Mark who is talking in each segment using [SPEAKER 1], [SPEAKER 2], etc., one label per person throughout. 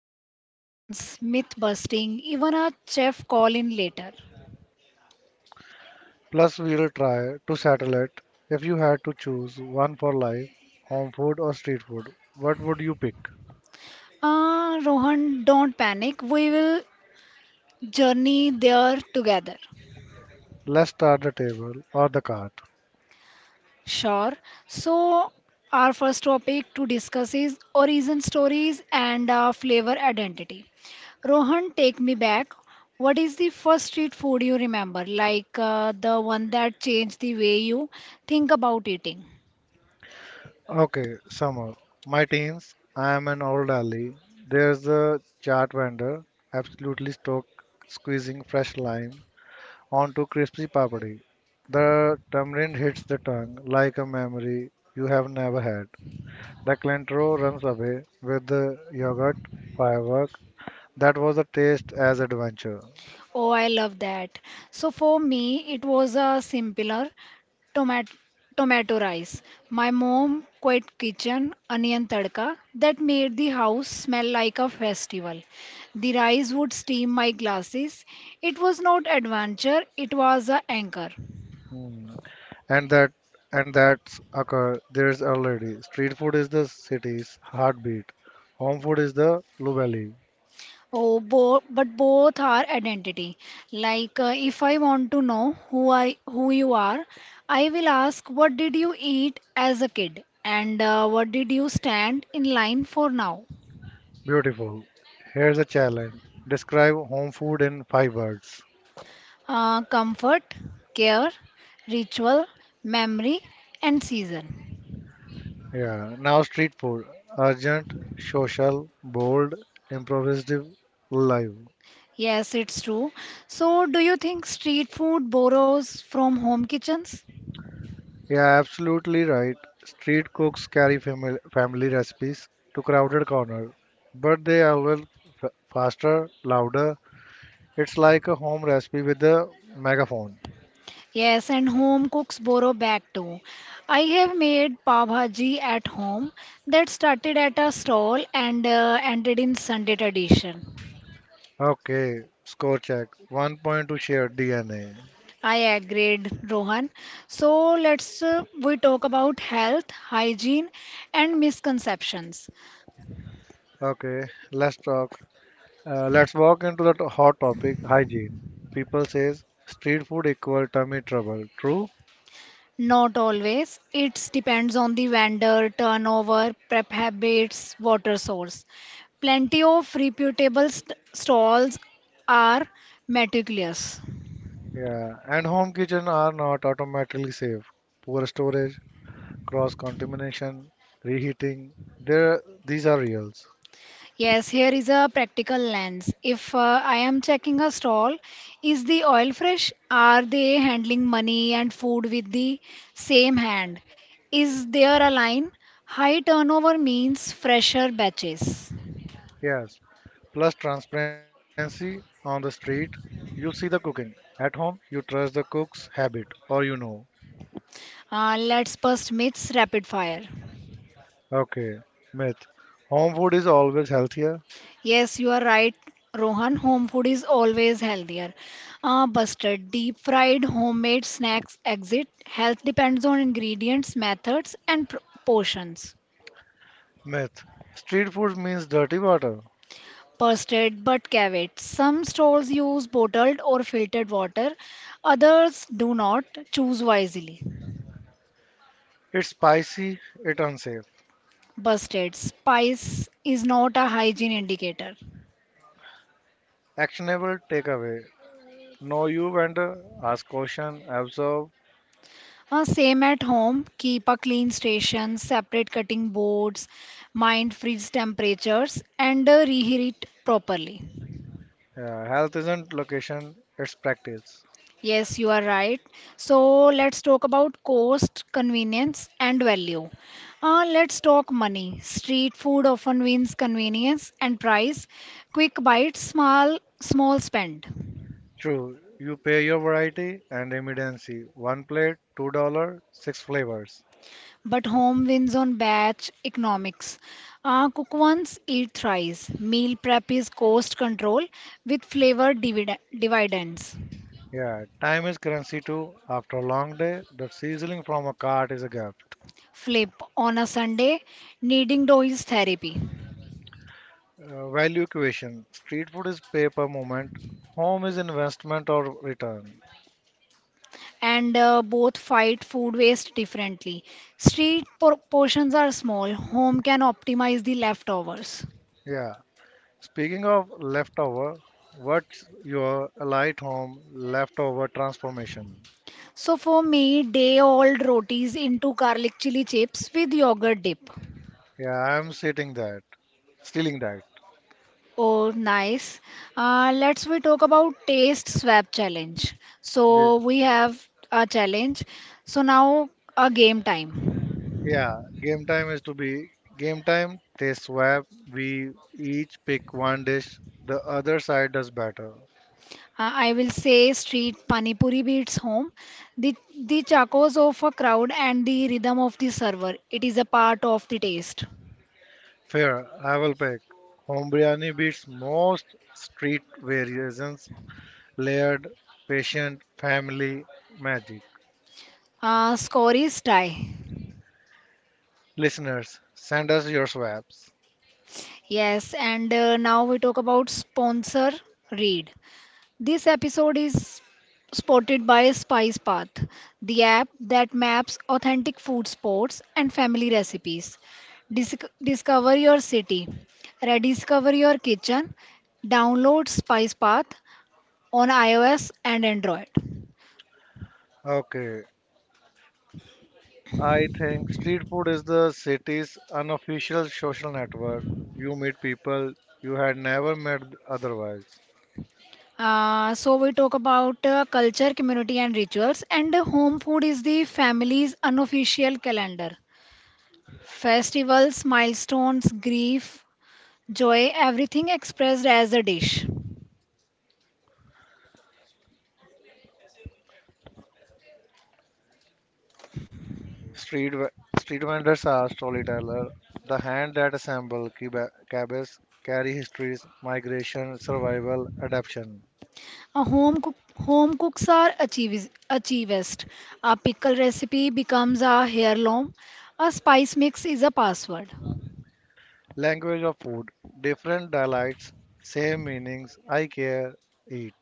[SPEAKER 1] listener questions, myth busting, even a chef call in later.
[SPEAKER 2] Plus, we'll try to settle it. If you had to choose one for life, home food or street food, what would you pick?
[SPEAKER 1] Rohan, don't panic. We will journey there together.
[SPEAKER 2] Let's start the table or the cart.
[SPEAKER 1] Sure. So, our first topic to discuss is origin stories and flavor identity. Rohan, take me back. What is the first street food you remember? Like the one that changed the way you think about eating?
[SPEAKER 2] Okay, Summer. My teens, I am an old alley. There's a chaat vendor, absolutely stoked, squeezing fresh lime onto crispy papadi. The tamarind hits the tongue like a memory you have never had. The cilantro runs away with the yogurt, fireworks. That was a taste as adventure.
[SPEAKER 1] Oh, I love that. So for me, it was a simpler tomato tomato rice. My mom quit kitchen onion tadka that made the house smell like a festival. The rice would steam my glasses. It was not adventure, it was a anchor.
[SPEAKER 2] Hmm. And that and that's occur there's already. Street food is the city's heartbeat. Home food is the Lubelli.
[SPEAKER 1] Oh, bo but both are identity. Like if I want to know who you are, I will ask what did you eat as a kid and what did you stand in line for now?
[SPEAKER 2] Beautiful. Here's a challenge. Describe home food in five words.
[SPEAKER 1] Comfort, care, ritual, memory, and season.
[SPEAKER 2] Yeah. Now street food. Urgent, social, bold, improvisative, live.
[SPEAKER 1] Yes, it's true. So, do you think street food borrows from home kitchens?
[SPEAKER 2] Yeah, absolutely right. Street cooks carry family recipes to crowded corners, but they are well faster, louder. It's like a home recipe with a megaphone.
[SPEAKER 1] Yes, and home cooks borrow back too. I have made pav bhaji at home that started at a stall and ended in Sunday tradition.
[SPEAKER 2] Okay, score check. One point to share DNA.
[SPEAKER 1] I agreed, Rohan. So let's we talk about health, hygiene, and misconceptions.
[SPEAKER 2] Okay, let's talk. Let's walk into the hot topic, hygiene. People says street food equal tummy trouble. True?
[SPEAKER 1] Not always. It depends on the vendor, turnover, prep habits, water source. Plenty of reputable stalls are meticulous.
[SPEAKER 2] Yeah, and home kitchen are not automatically safe. Poor storage, cross-contamination, reheating. There, these are reals.
[SPEAKER 1] Yes, here is a practical lens. If I am checking a stall, is the oil fresh? Are they handling money and food with the same hand? Is there a line? High turnover means fresher batches.
[SPEAKER 2] Yes. Plus transparency on the street, you see the cooking. At home, you trust the cook's habit or you know.
[SPEAKER 1] Let's bust myths rapid fire.
[SPEAKER 2] Okay. Myth. Home food is always healthier.
[SPEAKER 1] Yes, you are right, Rohan. Home food is always healthier. Busted, deep fried, homemade snacks exit. Health depends on ingredients, methods, and portions.
[SPEAKER 2] Myth. Street food means dirty water.
[SPEAKER 1] Posted but caveat. Some stores use bottled or filtered water, others do not. Choose wisely.
[SPEAKER 2] It's spicy, it's unsafe.
[SPEAKER 1] Busted. Spice is not a hygiene indicator.
[SPEAKER 2] Actionable takeaway. Know you vendor, ask question, observe.
[SPEAKER 1] Same at home. Keep a clean station, separate cutting boards, mind freeze temperatures, and reheat properly.
[SPEAKER 2] Yeah, health isn't location, it's practice.
[SPEAKER 1] Yes, you are right. So let's talk about cost, convenience, and value. Let's talk money. Street food often wins convenience and price. Quick bites, small spend.
[SPEAKER 2] True, you pay your variety and immediacy. One plate, $2, six flavors.
[SPEAKER 1] But home wins on batch economics. Cook once, eat thrice. Meal prep is cost control with flavor dividends.
[SPEAKER 2] Yeah, time is currency too. After a long day, the sizzling from a cart is a gift.
[SPEAKER 1] Flip on a Sunday, kneading dough is therapy.
[SPEAKER 2] Value equation: street food is pay per moment, home is investment or return.
[SPEAKER 1] And both fight food waste differently. Street portions are small, home can optimize the leftovers.
[SPEAKER 2] Yeah. Speaking of leftover, what's your light home leftover transformation?
[SPEAKER 1] So for me, day old rotis into garlic chili chips with yogurt dip.
[SPEAKER 2] Yeah, I'm sitting that, stealing that.
[SPEAKER 1] Oh, nice. Let's we talk about taste swap challenge.
[SPEAKER 2] Yeah.
[SPEAKER 1] So we have a challenge. So now a game time.
[SPEAKER 2] Yeah, game time is to be game time. They swap. We each pick one dish. The other side does better.
[SPEAKER 1] I will say street panipuri beats home. The the chakos of a crowd and the rhythm of the server. It is a part of the taste.
[SPEAKER 2] Fair. I will pick. Home biryani beats most street variations. Layered, patient, family, magic.
[SPEAKER 1] Score is tie.
[SPEAKER 2] Listeners, send us your swaps.
[SPEAKER 1] Yes, and now we talk about sponsor read. This episode is spotted by Spice Path, the app that maps authentic food spots and family recipes. Discover your city, rediscover your kitchen. Download Spice Path on iOS and Android.
[SPEAKER 2] Okay. I think street food is the city's unofficial social network. You meet people you had never met otherwise.
[SPEAKER 1] So we talk about culture, community, and rituals. And home food is the family's unofficial calendar. Festivals, milestones, grief, joy, everything expressed as a dish.
[SPEAKER 2] Street ve- street vendors are storytellers. The hand that assemble cabbages carry histories, migration, survival, adaptation.
[SPEAKER 1] Home cooks are achievist. A pickle recipe becomes a heirloom. A spice mix is a password.
[SPEAKER 2] Language of food, different dialects, same meanings. I care, eat.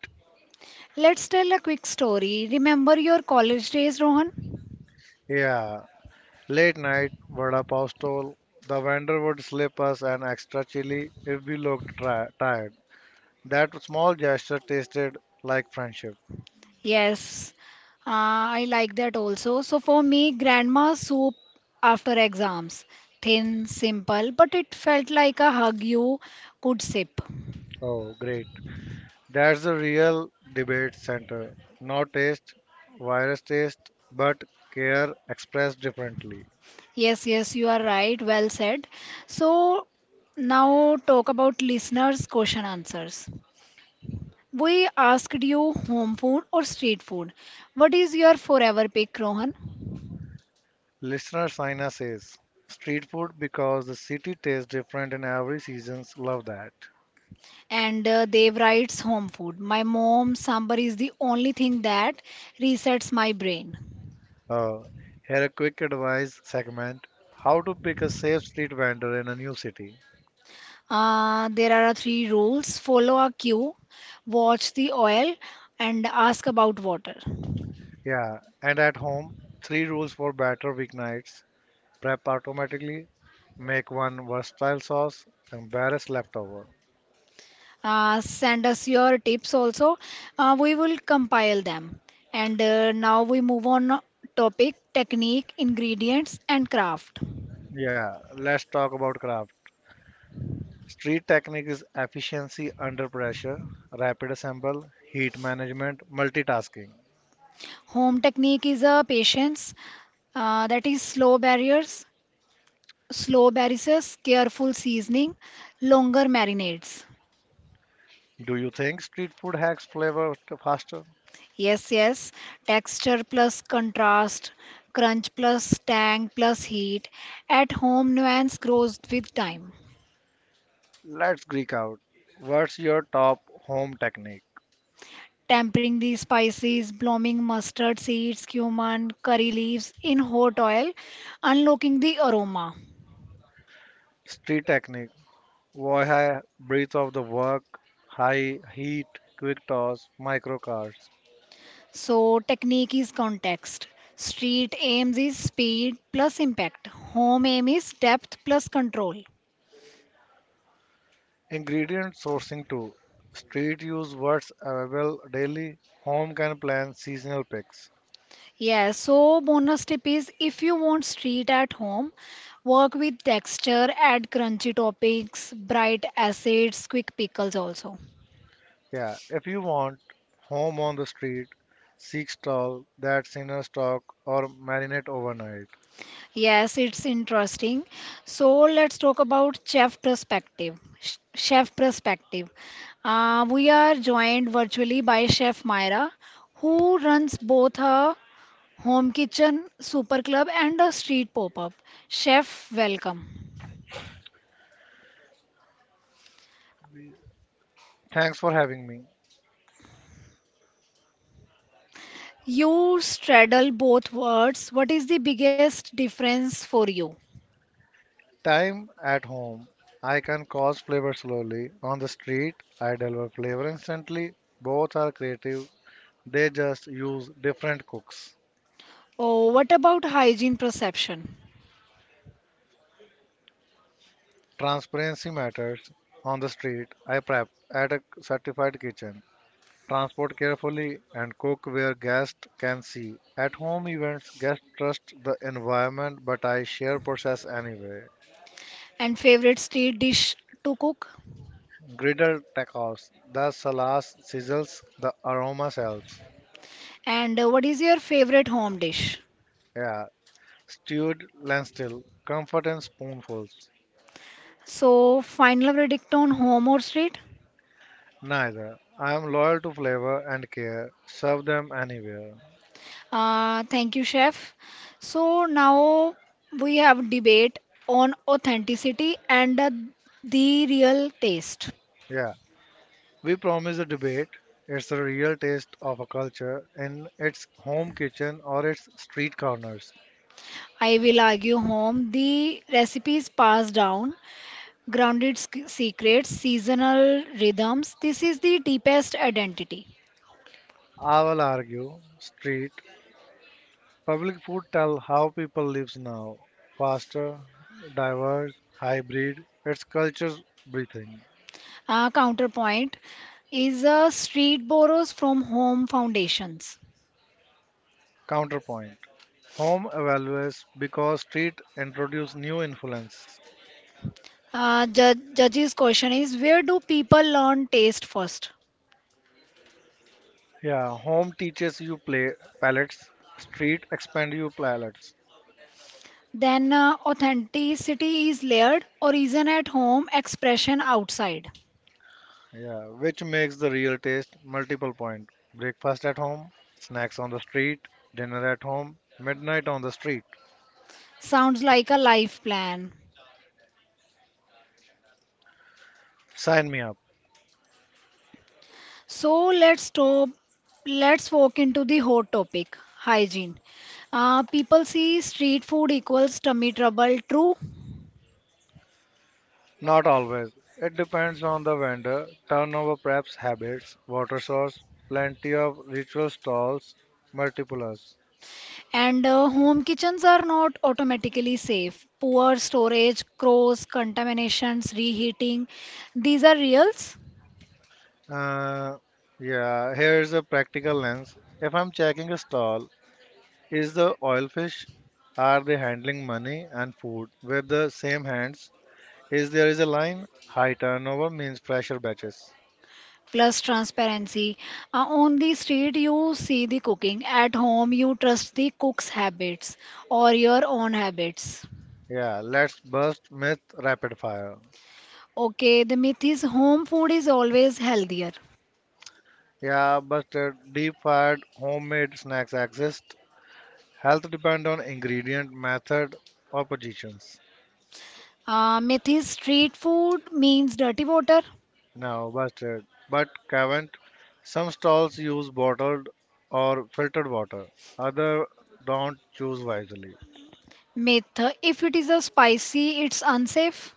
[SPEAKER 1] Let's tell a quick story. Remember your college days, Rohan?
[SPEAKER 2] Yeah. Late night vada pav stall. The vendor would slip us an extra chili if we looked tired. That small gesture tasted like friendship.
[SPEAKER 1] Yes, I like that also. So for me, grandma soup after exams. Thin, simple, but it felt like a hug you could sip.
[SPEAKER 2] Oh, great. That's a real debate center. Not taste, virus taste, but care expressed differently.
[SPEAKER 1] Yes, yes, you are right. Well said. So now talk about listeners' question answers. We asked you home food or street food. What is your forever pick, Rohan?
[SPEAKER 2] Listener Saina says, street food because the city tastes different in every seasons. Love that.
[SPEAKER 1] And Dev writes home food. My mom, sambar is the only thing that resets my brain.
[SPEAKER 2] Uh, Here a quick advice segment: how to pick a safe street vendor in a new city.
[SPEAKER 1] There are three rules follow a cue, watch the oil, and ask about water.
[SPEAKER 2] Yeah, and at home, three rules for better weeknights: prep automatically, make one versatile sauce, embarrass leftover.
[SPEAKER 1] Send us your tips also. We will compile them. And now we move on topic technique, ingredients, and craft.
[SPEAKER 2] Yeah, let's talk about craft. Street technique is efficiency under pressure, rapid assemble, heat management, multitasking.
[SPEAKER 1] Home technique is a patience, that is slow barriers, careful seasoning, longer marinades.
[SPEAKER 2] Do you think street food hacks flavor faster?
[SPEAKER 1] Yes, yes. Texture plus contrast, crunch plus tang plus heat. At home, nuance grows with time.
[SPEAKER 2] Let's geek out. What's your top home technique?
[SPEAKER 1] Tempering the spices, blooming mustard seeds, cumin, curry leaves in hot oil, unlocking the aroma.
[SPEAKER 2] Street technique. Why high breath of the work, high heat, quick toss, micro cards.
[SPEAKER 1] So, technique is context. Street aims is speed plus impact. Home aim is depth plus control.
[SPEAKER 2] Ingredient sourcing too. Street use what's available daily. Home can plan seasonal picks.
[SPEAKER 1] Yes. So bonus tip is if you want street at home, work with texture, add crunchy toppings, bright acids, quick pickles also.
[SPEAKER 2] Yeah, if you want home on the street, seek stall that's in a stock or marinate overnight.
[SPEAKER 1] Yes, it's interesting. So let's talk about chef perspective. Chef perspective. We are joined virtually by Chef Myra, who runs both her home kitchen super club and a street pop-up. Chef, welcome.
[SPEAKER 2] Thanks for having me.
[SPEAKER 1] You straddle both words. What is the biggest difference for you?
[SPEAKER 2] Time at home. I can cause flavor slowly. On the street, I deliver flavor instantly. Both are creative. They just use different cooks.
[SPEAKER 1] Oh, what about hygiene perception?
[SPEAKER 2] Transparency matters. On the street, I prep at a certified kitchen, transport carefully, and cook where guests can see. At home events, guests trust the environment, but I share process anyway.
[SPEAKER 1] And favorite street dish to cook?
[SPEAKER 2] Griddle tacos, the salas sizzles, the aroma sells.
[SPEAKER 1] And what is your favorite home dish?
[SPEAKER 2] Yeah, stewed lentil, comfort and spoonfuls.
[SPEAKER 1] So, final verdict on home or street?
[SPEAKER 2] Neither. I am loyal to flavor and care. Serve them anywhere.
[SPEAKER 1] Thank you, chef. So, now we have debate on authenticity and the real taste.
[SPEAKER 2] Yeah, we promise a debate. It's a real taste of a culture in its home kitchen or its street corners.
[SPEAKER 1] I will argue home. The recipes passed down grounded secrets, seasonal rhythms. This is the deepest identity.
[SPEAKER 2] I will argue street public food tell how people lives now. Faster, diverse, hybrid, its culture breathing.
[SPEAKER 1] Counterpoint is a street borrows from home foundations.
[SPEAKER 2] Counterpoint. Home evaluates because street introduce new influence.
[SPEAKER 1] Judge's question is where do people learn taste first?
[SPEAKER 2] Yeah, home teaches you play palettes, street expand you palettes.
[SPEAKER 1] Then authenticity is layered, origin at home, expression outside.
[SPEAKER 2] Yeah, which makes the real taste multiple point. Breakfast at home, snacks on the street, dinner at home, midnight on the street.
[SPEAKER 1] Sounds like a life plan.
[SPEAKER 2] Sign me up.
[SPEAKER 1] So let's stop. Let's walk into the hot topic, hygiene. People see street food equals tummy trouble, true,
[SPEAKER 2] Not always. It depends on the vendor, turnover preps habits, water source, plenty of ritual stalls, multiples.
[SPEAKER 1] and home kitchens are not automatically safe. Poor storage, cross contaminations, reheating, these are reals.
[SPEAKER 2] Uh, yeah, here's a practical lens. If I'm checking a stall, is the oil fish? Are they handling money and food with the same hands? Is there is a line? High turnover means fresher batches.
[SPEAKER 1] Plus transparency. On the street, you see the cooking. At home, you trust the cook's habits or your own habits.
[SPEAKER 2] Yeah, let's bust myth rapid fire.
[SPEAKER 1] Okay, the myth is home food is always healthier.
[SPEAKER 2] Yeah, busted deep fried homemade snacks exist. Health depend on ingredient, method, or positions.
[SPEAKER 1] Myth is street food means dirty water.
[SPEAKER 2] Now, busted. But Cavent, some stalls use bottled or filtered water. Other don't choose wisely.
[SPEAKER 1] Myth, if it is a spicy, it's unsafe.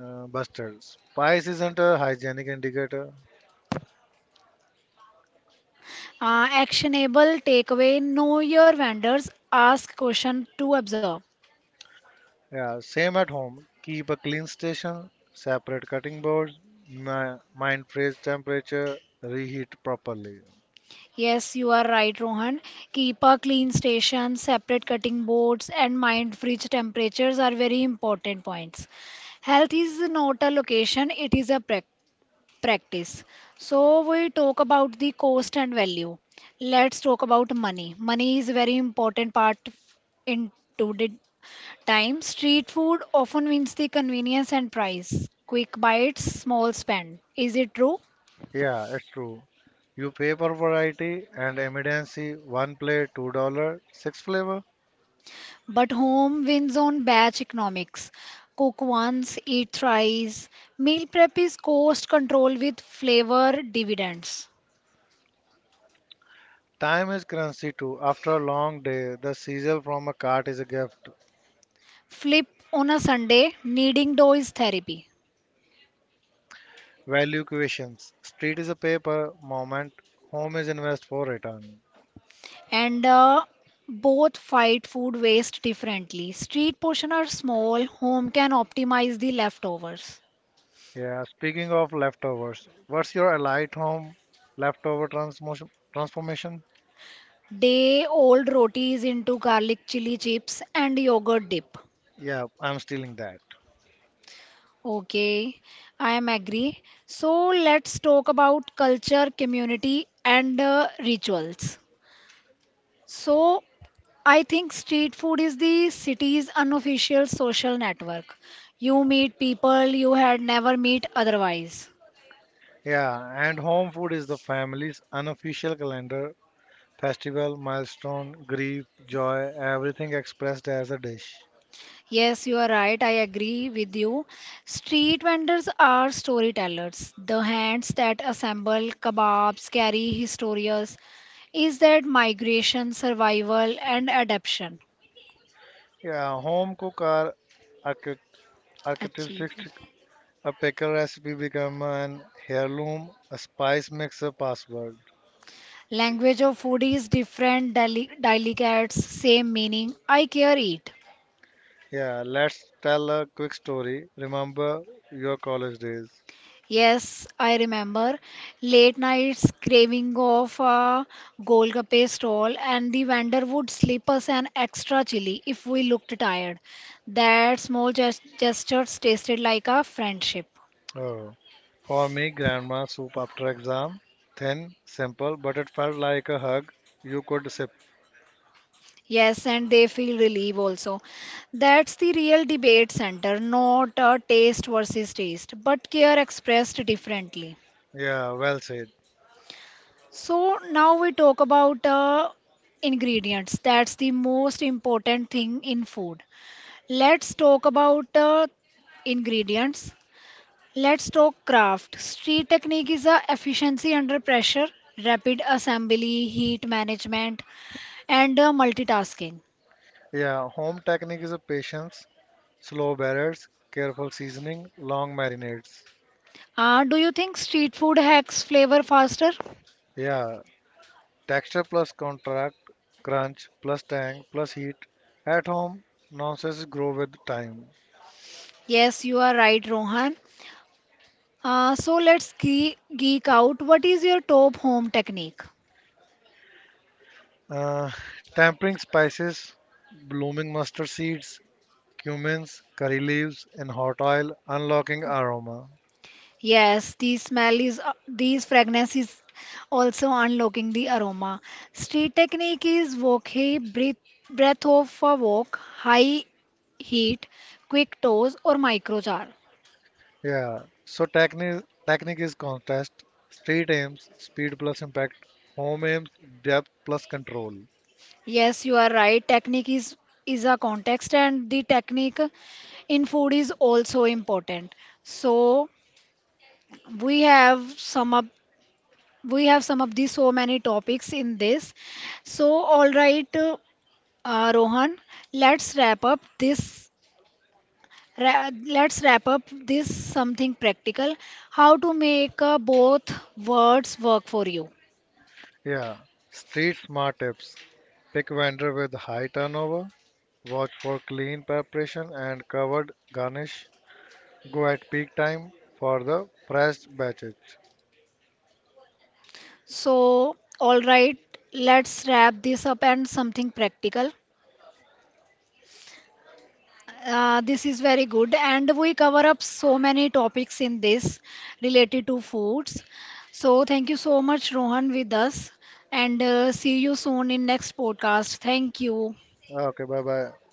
[SPEAKER 2] Busted. Spice isn't a hygienic indicator.
[SPEAKER 1] Actionable takeaway, know your vendors, ask question to observe.
[SPEAKER 2] Yeah, same at home. Keep a clean station, separate cutting boards, mind freeze temperature, reheat properly.
[SPEAKER 1] Yes, you are right, Rohan. Keep a clean station, separate cutting boards, and mind fridge temperatures are very important points. Health is not a location, it is a practice. So we talk about the cost and value. Let's talk about money. Money is very important part in today's time. Street food often wins the convenience and price. Quick bites, small spend. Is it true?
[SPEAKER 2] Yeah, it's true. You pay for variety and emergency. One plate, $2, six flavors.
[SPEAKER 1] But home wins on batch economics. Cook once, eat thrice. Meal prep is cost control with flavor dividends.
[SPEAKER 2] Time is currency too. After a long day, the cereal from a cart is a gift.
[SPEAKER 1] Flip on a Sunday, kneading dough is therapy.
[SPEAKER 2] Value equations. Street is a paper moment. Home is invest for return.
[SPEAKER 1] And both fight food waste differently. Street portion are small, home can optimize the leftovers.
[SPEAKER 2] Yeah, speaking of leftovers, what's your light home leftover transformation?
[SPEAKER 1] Day old rotis into garlic chili chips and yogurt dip.
[SPEAKER 2] Yeah, I'm stealing that.
[SPEAKER 1] Okay, I am agree. So let's talk about culture, community, and rituals. So I think street food is the city's unofficial social network. You meet people you had never meet otherwise.
[SPEAKER 2] Yeah, and home food is the family's unofficial calendar, festival, milestone, grief, joy, everything expressed as a dish.
[SPEAKER 1] Yes, you are right. I agree with you. Street vendors are storytellers. The hands that assemble kebabs carry histories. Is that migration, survival, and adaptation?
[SPEAKER 2] Yeah, home cook are archi- architects.
[SPEAKER 1] Achievement.
[SPEAKER 2] A pickle recipe become an heirloom. A spice mix a password.
[SPEAKER 1] Language of food is different, delicates, same meaning. I care it.
[SPEAKER 2] Yeah, let's tell a quick story. Remember your college days.
[SPEAKER 1] Yes, I remember late nights craving of a Golgappe stall, and the vendor would slip us an extra chili if we looked tired. That small gestures tasted like a friendship.
[SPEAKER 2] Oh, for me, grandma soup after exam. Thin, simple, but it felt like a hug. You could sip.
[SPEAKER 1] Yes, and they feel relief also. That's the real debate center, not a taste versus taste, but care expressed differently.
[SPEAKER 2] Yeah, well said.
[SPEAKER 1] So now we talk about ingredients. That's the most important thing in food. Let's talk about ingredients. Let's talk craft. Street technique is a efficiency under pressure, rapid assembly, heat management, and multitasking.
[SPEAKER 2] Yeah, home technique is a patience, slow batters, careful seasoning, long marinades.
[SPEAKER 1] Do you think street food hacks flavor faster?
[SPEAKER 2] Yeah, texture plus contract, crunch plus tang plus heat. At home, nonsense grow with time.
[SPEAKER 1] Yes, you are right, Rohan. So let's geek out. What is your top home technique?
[SPEAKER 2] Uh, Tampering spices, blooming mustard seeds, cumins, curry leaves, and hot oil, unlocking aroma.
[SPEAKER 1] Yes, the smell is these fragrance is also unlocking the aroma. Street technique is wokhe breath breath of a wok, high heat, quick toes or micro jar.
[SPEAKER 2] Yeah. So technique is contest, street aims, speed plus impact, home aims, depth plus control.
[SPEAKER 1] Yes, you are right. Technique is a context and the technique in food is also important. So we have some up we have some of the so many topics in this. So all right, Rohan, let's wrap up this Let's wrap up this something practical. How to make both words work for you.
[SPEAKER 2] Yeah. Street smart tips. Pick vendor with high turnover. Watch for clean preparation and covered garnish. Go at peak time for the fresh batches.
[SPEAKER 1] So, all right, let's wrap this up and something practical. This is very good, and we cover up so many topics in this related to foods. So, thank you so much, Rohan, with us, and see you soon in next podcast. Thank you.
[SPEAKER 2] Okay, bye bye.